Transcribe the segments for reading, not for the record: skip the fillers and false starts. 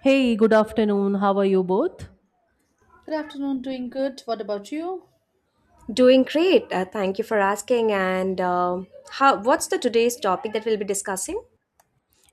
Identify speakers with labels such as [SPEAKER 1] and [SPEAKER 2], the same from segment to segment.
[SPEAKER 1] Hey, good afternoon. How are you both?
[SPEAKER 2] Good afternoon, doing good. What about you?
[SPEAKER 3] Doing great. Thank you for asking. And How? What's the today's topic that we'll be discussing?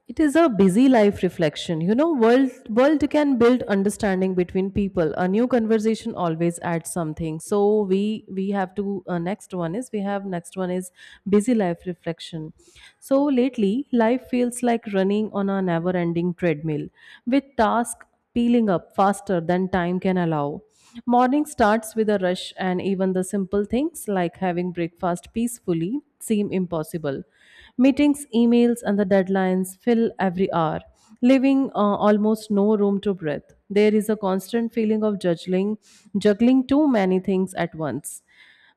[SPEAKER 1] It is a busy life reflection. You know, world can build understanding between people. A new conversation always adds something. So we have to, next one is busy life reflection. So lately, life feels like running on a never-ending treadmill with tasks peeling up faster than time can allow. Morning starts with a rush, and even the simple things like having breakfast peacefully seem impossible. Meetings, emails, and the deadlines fill every hour, leaving almost no room to breathe. There is a constant feeling of juggling, juggling too many things at once,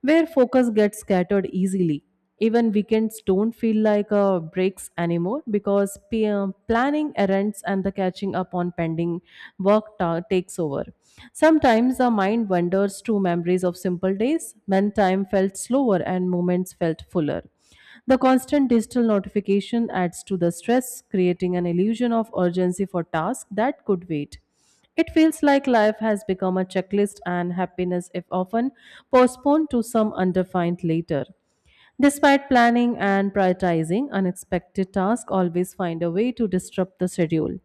[SPEAKER 1] where focus gets scattered easily. Even weekends don't feel like breaks anymore because planning errands and the catching up on pending work takes over. Sometimes the mind wanders to memories of simple days when time felt slower and moments felt fuller. The constant digital notification adds to the stress, creating an illusion of urgency for tasks that could wait. It feels like life has become a checklist and happiness if often postponed to some undefined later. Despite planning and prioritizing, unexpected tasks always find a way to disrupt the schedule.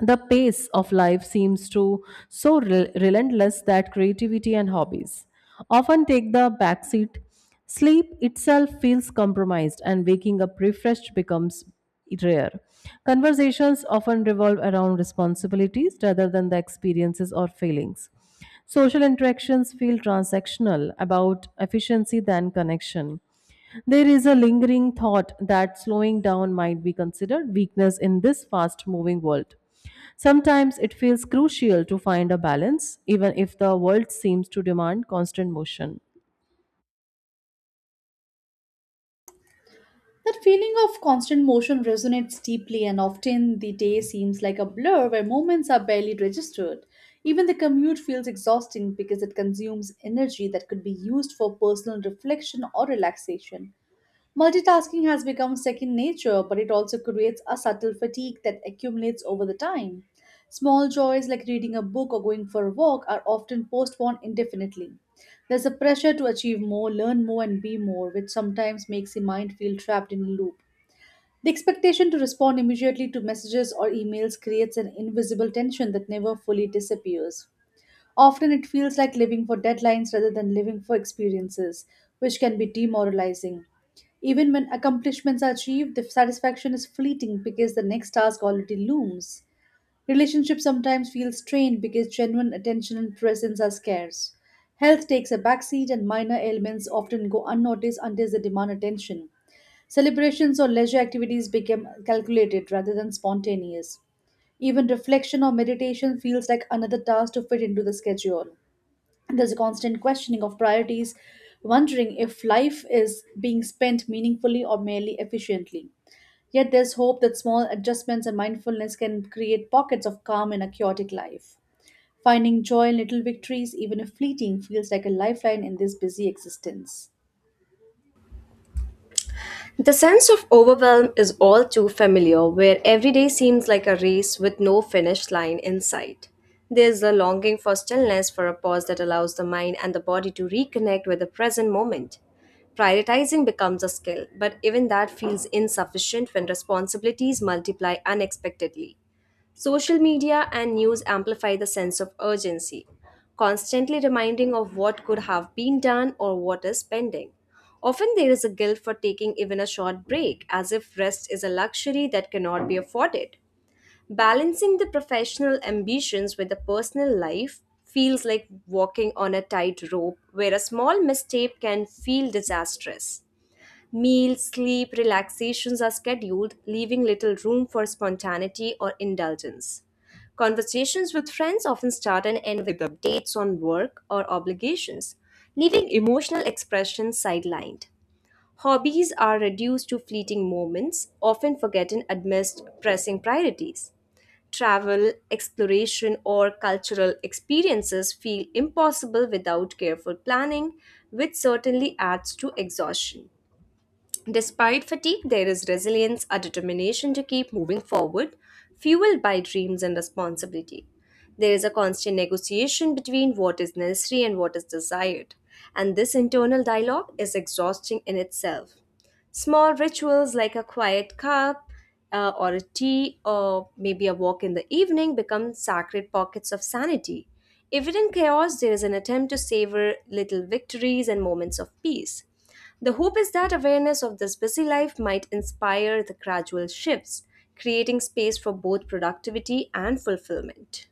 [SPEAKER 1] The pace of life seems to so relentless that creativity and hobbies often take the backseat. Sleep itself feels compromised, and waking up refreshed becomes rare. Conversations often revolve around responsibilities rather than the experiences or feelings. Social interactions feel transactional about efficiency than connection. There is a lingering thought that slowing down might be considered weakness in this fast moving world. Sometimes it feels crucial to find a balance, even if the world seems to demand constant motion.
[SPEAKER 2] That feeling of constant motion resonates deeply, and often the day seems like a blur where moments are barely registered. Even the commute feels exhausting because it consumes energy that could be used for personal reflection or relaxation. Multitasking has become second nature, but it also creates a subtle fatigue that accumulates over the time. Small joys like reading a book or going for a walk are often postponed indefinitely. There's a pressure to achieve more, learn more, and be more, which sometimes makes the mind feel trapped in a loop. The expectation to respond immediately to messages or emails creates an invisible tension that never fully disappears. Often it feels like living for deadlines rather than living for experiences, which can be demoralizing. Even when accomplishments are achieved, the satisfaction is fleeting because the next task already looms. Relationships sometimes feel strained because genuine attention and presence are scarce. Health takes a backseat, and minor ailments often go unnoticed until they demand attention. Celebrations or leisure activities become calculated rather than spontaneous. Even reflection or meditation feels like another task to fit into the schedule. There's a constant questioning of priorities, wondering if life is being spent meaningfully or merely efficiently. Yet there's hope that small adjustments and mindfulness can create pockets of calm in a chaotic life. Finding joy in little victories, even if fleeting, feels like a lifeline in this busy existence.
[SPEAKER 3] The sense of overwhelm is all too familiar, where every day seems like a race with no finish line in sight. There's a longing for stillness, for a pause that allows the mind and the body to reconnect with the present moment. Prioritizing becomes a skill, but even that feels insufficient when responsibilities multiply unexpectedly. Social media and news amplify the sense of urgency, constantly reminding of what could have been done or what is pending. Often there is a guilt for taking even a short break, as if rest is a luxury that cannot be afforded. Balancing the professional ambitions with the personal life feels like walking on a tightrope where a small mistake can feel disastrous. Meals, sleep, relaxations are scheduled, leaving little room for spontaneity or indulgence. Conversations with friends often start and end with updates on work or obligations, leaving emotional expression sidelined. Hobbies are reduced to fleeting moments, often forgotten amidst pressing priorities. Travel, exploration, or cultural experiences feel impossible without careful planning, which certainly adds to exhaustion. Despite fatigue, there is resilience, a determination to keep moving forward, fueled by dreams and responsibility. There is a constant negotiation between what is necessary and what is desired, and this internal dialogue is exhausting in itself. Small rituals like a quiet cup, or a tea, or maybe a walk in the evening become sacred pockets of sanity. Even in chaos, there is an attempt to savor little victories and moments of peace. The hope is that awareness of this busy life might inspire the gradual shifts, creating space for both productivity and fulfillment.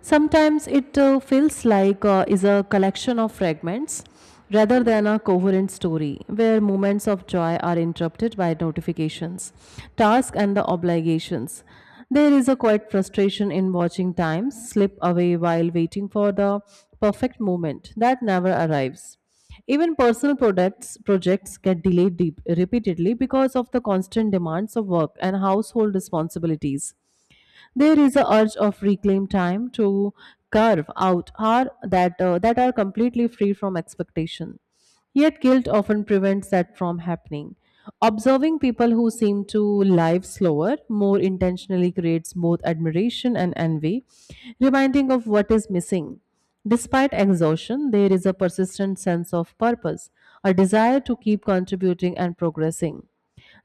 [SPEAKER 1] Sometimes it feels like, is a collection of fragments rather than a coherent story where moments of joy are interrupted by notifications, tasks and the obligations. There is a quiet frustration in watching time slip away while waiting for the perfect moment that never arrives. Even personal products projects get delayed deep, repeatedly because of the constant demands of work and household responsibilities. There is a urge of reclaim time to carve out hour that are completely free from expectation. Yet guilt often prevents that from happening. Observing people who seem to live slower more intentionally creates both admiration and envy, reminding of what is missing. Despite exhaustion, there is a persistent sense of purpose, a desire to keep contributing and progressing.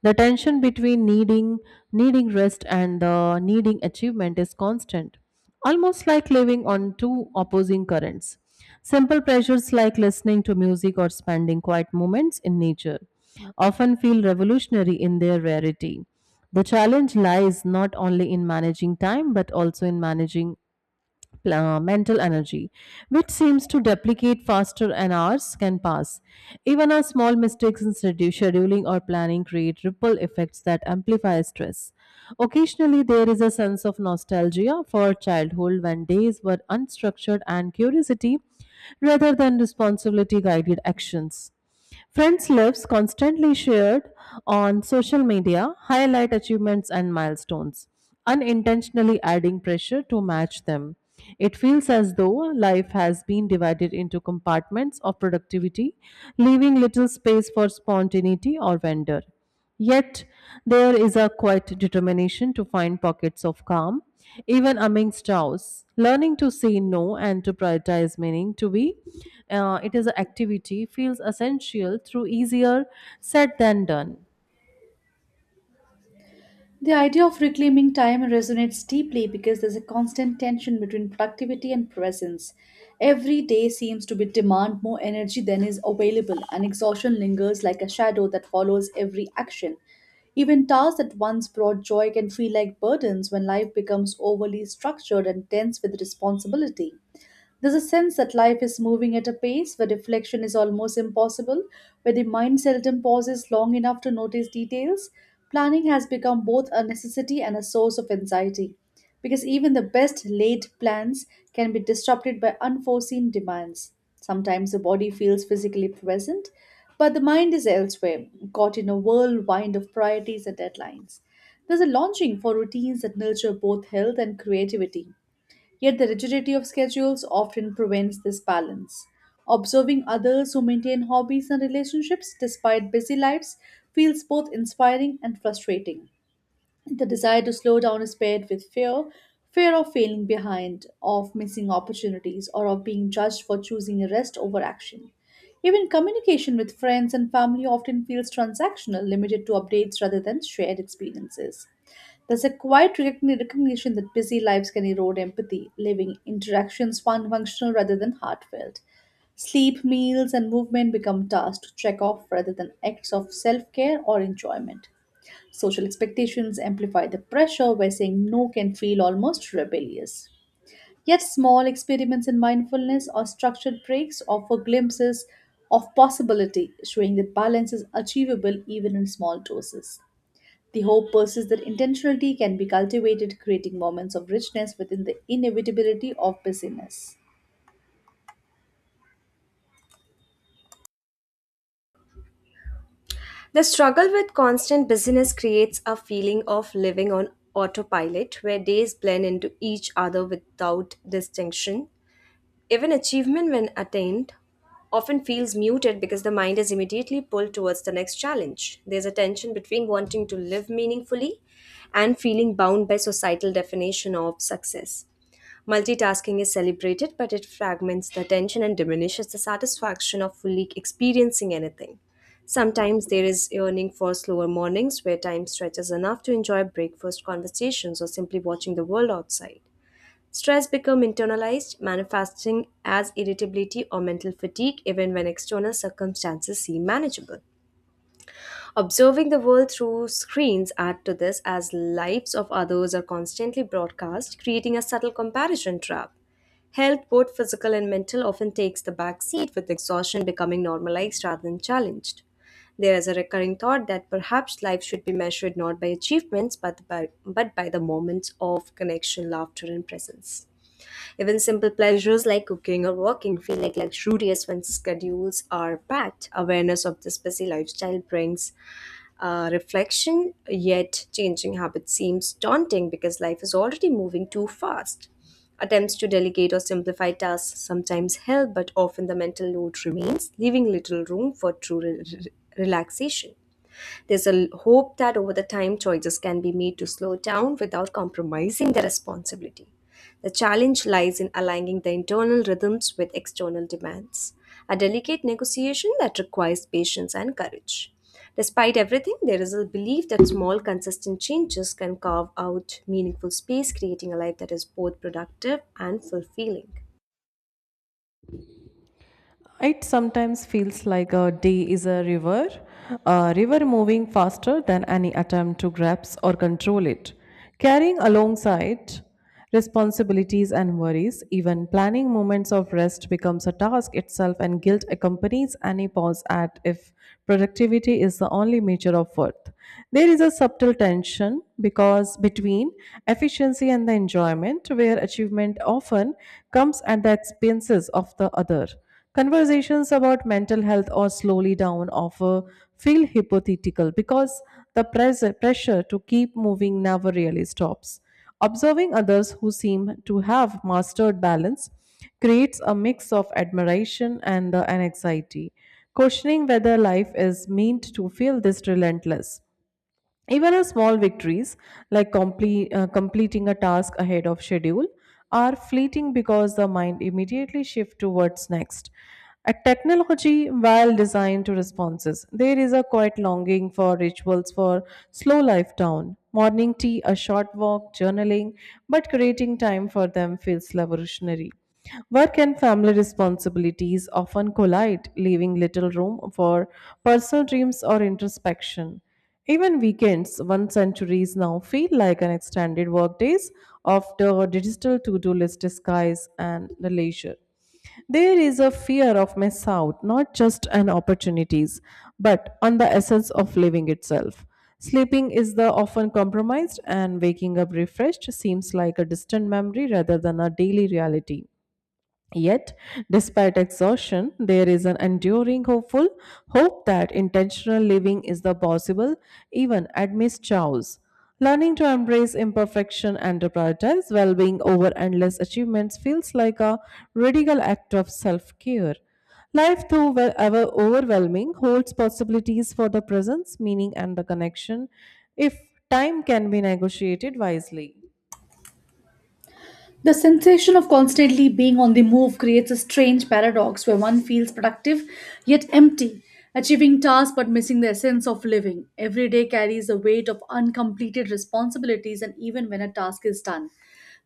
[SPEAKER 1] The tension between needing rest and the needing achievement is constant, almost like living on two opposing currents. Simple pleasures like listening to music or spending quiet moments in nature often feel revolutionary in their rarity. The challenge lies not only in managing time but also in managing mental energy, which seems to duplicate faster and hours can pass. Even our small mistakes in scheduling or planning create ripple effects that amplify stress. Occasionally, there is a sense of nostalgia for childhood when days were unstructured and curiosity rather than responsibility guided actions. Friends lives constantly shared on social media highlight achievements and milestones, unintentionally adding pressure to match them. It feels as though life has been divided into compartments of productivity, leaving little space for spontaneity or wonder. Yet, there is a quiet determination to find pockets of calm, even amidst chaos. Learning to say no and to prioritize meaning to be, it is an activity feels essential through easier said than done.
[SPEAKER 2] The idea of reclaiming time resonates deeply because there's a constant tension between productivity and presence. Every day seems to be demand more energy than is available, and exhaustion lingers like a shadow that follows every action. Even tasks that once brought joy can feel like burdens when life becomes overly structured and dense with responsibility. There's a sense that life is moving at a pace where reflection is almost impossible, where the mind seldom pauses long enough to notice details. Planning has become both a necessity and a source of anxiety, because even the best laid plans can be disrupted by unforeseen demands. Sometimes the body feels physically present, but the mind is elsewhere, caught in a whirlwind of priorities and deadlines. There's a longing for routines that nurture both health and creativity. Yet the rigidity of schedules often prevents this balance. Observing others who maintain hobbies and relationships despite busy lives feels both inspiring and frustrating. The desire to slow down is paired with fear of failing behind, of missing opportunities, or of being judged for choosing rest over action. Even communication with friends and family often feels transactional, limited to updates rather than shared experiences. There's a quiet recognition that busy lives can erode empathy, leaving interactions functional rather than heartfelt. Sleep, meals, and movement become tasks to check off rather than acts of self care or enjoyment. Social expectations amplify the pressure where saying no can feel almost rebellious. Yet, small experiments in mindfulness or structured breaks offer glimpses of possibility, showing that balance is achievable even in small doses. The hope persists that intentionality can be cultivated, creating moments of richness within the inevitability of busyness.
[SPEAKER 3] The struggle with constant busyness creates a feeling of living on autopilot where days blend into each other without distinction. Even achievement, when attained, often feels muted because the mind is immediately pulled towards the next challenge. There's a tension between wanting to live meaningfully and feeling bound by societal definition of success. Multitasking is celebrated, but it fragments the attention and diminishes the satisfaction of fully experiencing anything. Sometimes there is yearning for slower mornings where time stretches enough to enjoy breakfast conversations or simply watching the world outside. Stress becomes internalized, manifesting as irritability or mental fatigue even when external circumstances seem manageable. Observing the world through screens add to this as lives of others are constantly broadcast, creating a subtle comparison trap. Health, both physical and mental, often takes the back seat with exhaustion becoming normalized rather than challenged. There is a recurring thought that perhaps life should be measured not by achievements but by the moments of connection, laughter, and presence. Even simple pleasures like cooking or walking feel like luxurious when schedules are packed. Awareness of this busy lifestyle brings reflection, yet, changing habits seems daunting because life is already moving too fast. Attempts to delegate or simplify tasks sometimes help, but often the mental load remains, leaving little room for true relaxation. There's a hope that over the time choices can be made to slow down without compromising the responsibility. The challenge lies in aligning the internal rhythms with external demands, a delicate negotiation that requires patience and courage. Despite everything, there is a belief that small, consistent changes can carve out meaningful space, creating a life that is both productive and fulfilling.
[SPEAKER 1] It sometimes feels like a day is a river moving faster than any attempt to grasp or control it, carrying alongside responsibilities and worries. Even planning moments of rest becomes a task itself, and guilt accompanies any pause at if productivity is the only measure of worth. There is a subtle tension because between efficiency and the enjoyment, where achievement often comes at the expenses of the other. Conversations about mental health or slowly down offer feel hypothetical because the pressure to keep moving never really stops. Observing others who seem to have mastered balance creates a mix of admiration and an anxiety, questioning whether life is meant to feel this relentless. Even our small victories, like completing a task ahead of schedule, are fleeting because the mind immediately shifts towards next. A technology, while designed to responses, there is a quiet longing for rituals for slow life down. Morning tea, a short walk, journaling, but creating time for them feels revolutionary. Work and family responsibilities often collide, leaving little room for personal dreams or introspection. Even weekends, one centuries now feel like an extended workdays after digital to-do list disguise and the leisure. There is a fear of miss out, not just on opportunities, but on the essence of living itself. Sleeping is the often compromised and waking up refreshed seems like a distant memory rather than a daily reality. Yet, despite exhaustion, there is an enduring hope that intentional living is the possible, even at Miss Chow's. Learning to embrace imperfection and to prioritize well being over endless achievements feels like a radical act of self care. Life, though ever overwhelming, holds possibilities for the presence, meaning, and the connection if time can be negotiated wisely.
[SPEAKER 2] The sensation of constantly being on the move creates a strange paradox where one feels productive yet empty, achieving tasks but missing the essence of living. Every day carries a weight of uncompleted responsibilities, and even when a task is done,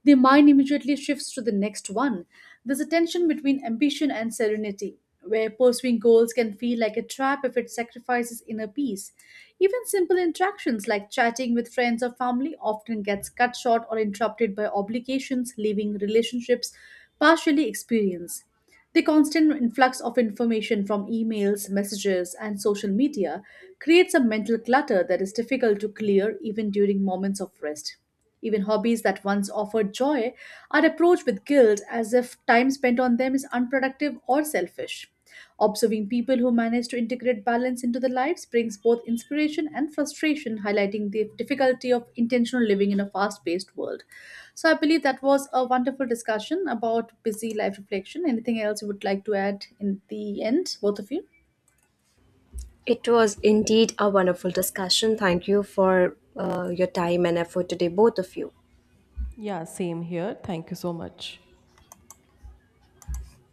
[SPEAKER 2] the mind immediately shifts to the next one. There's a tension between ambition and serenity where pursuing goals can feel like a trap if it sacrifices inner peace. Even simple interactions like chatting with friends or family often gets cut short or interrupted by obligations, leaving relationships partially experienced. The constant influx of information from emails, messages, and social media creates a mental clutter that is difficult to clear even during moments of rest. Even hobbies that once offered joy are approached with guilt as if time spent on them is unproductive or selfish. Observing people who manage to integrate balance into their lives brings both inspiration and frustration, highlighting the difficulty of intentional living in a fast paced world. So, I believe that was a wonderful discussion about busy life reflection. Anything else you would like to add in the end, both of you?
[SPEAKER 3] It was indeed a wonderful discussion. Thank you for your time and effort today, both of you.
[SPEAKER 1] Yeah, same here. Thank you so much.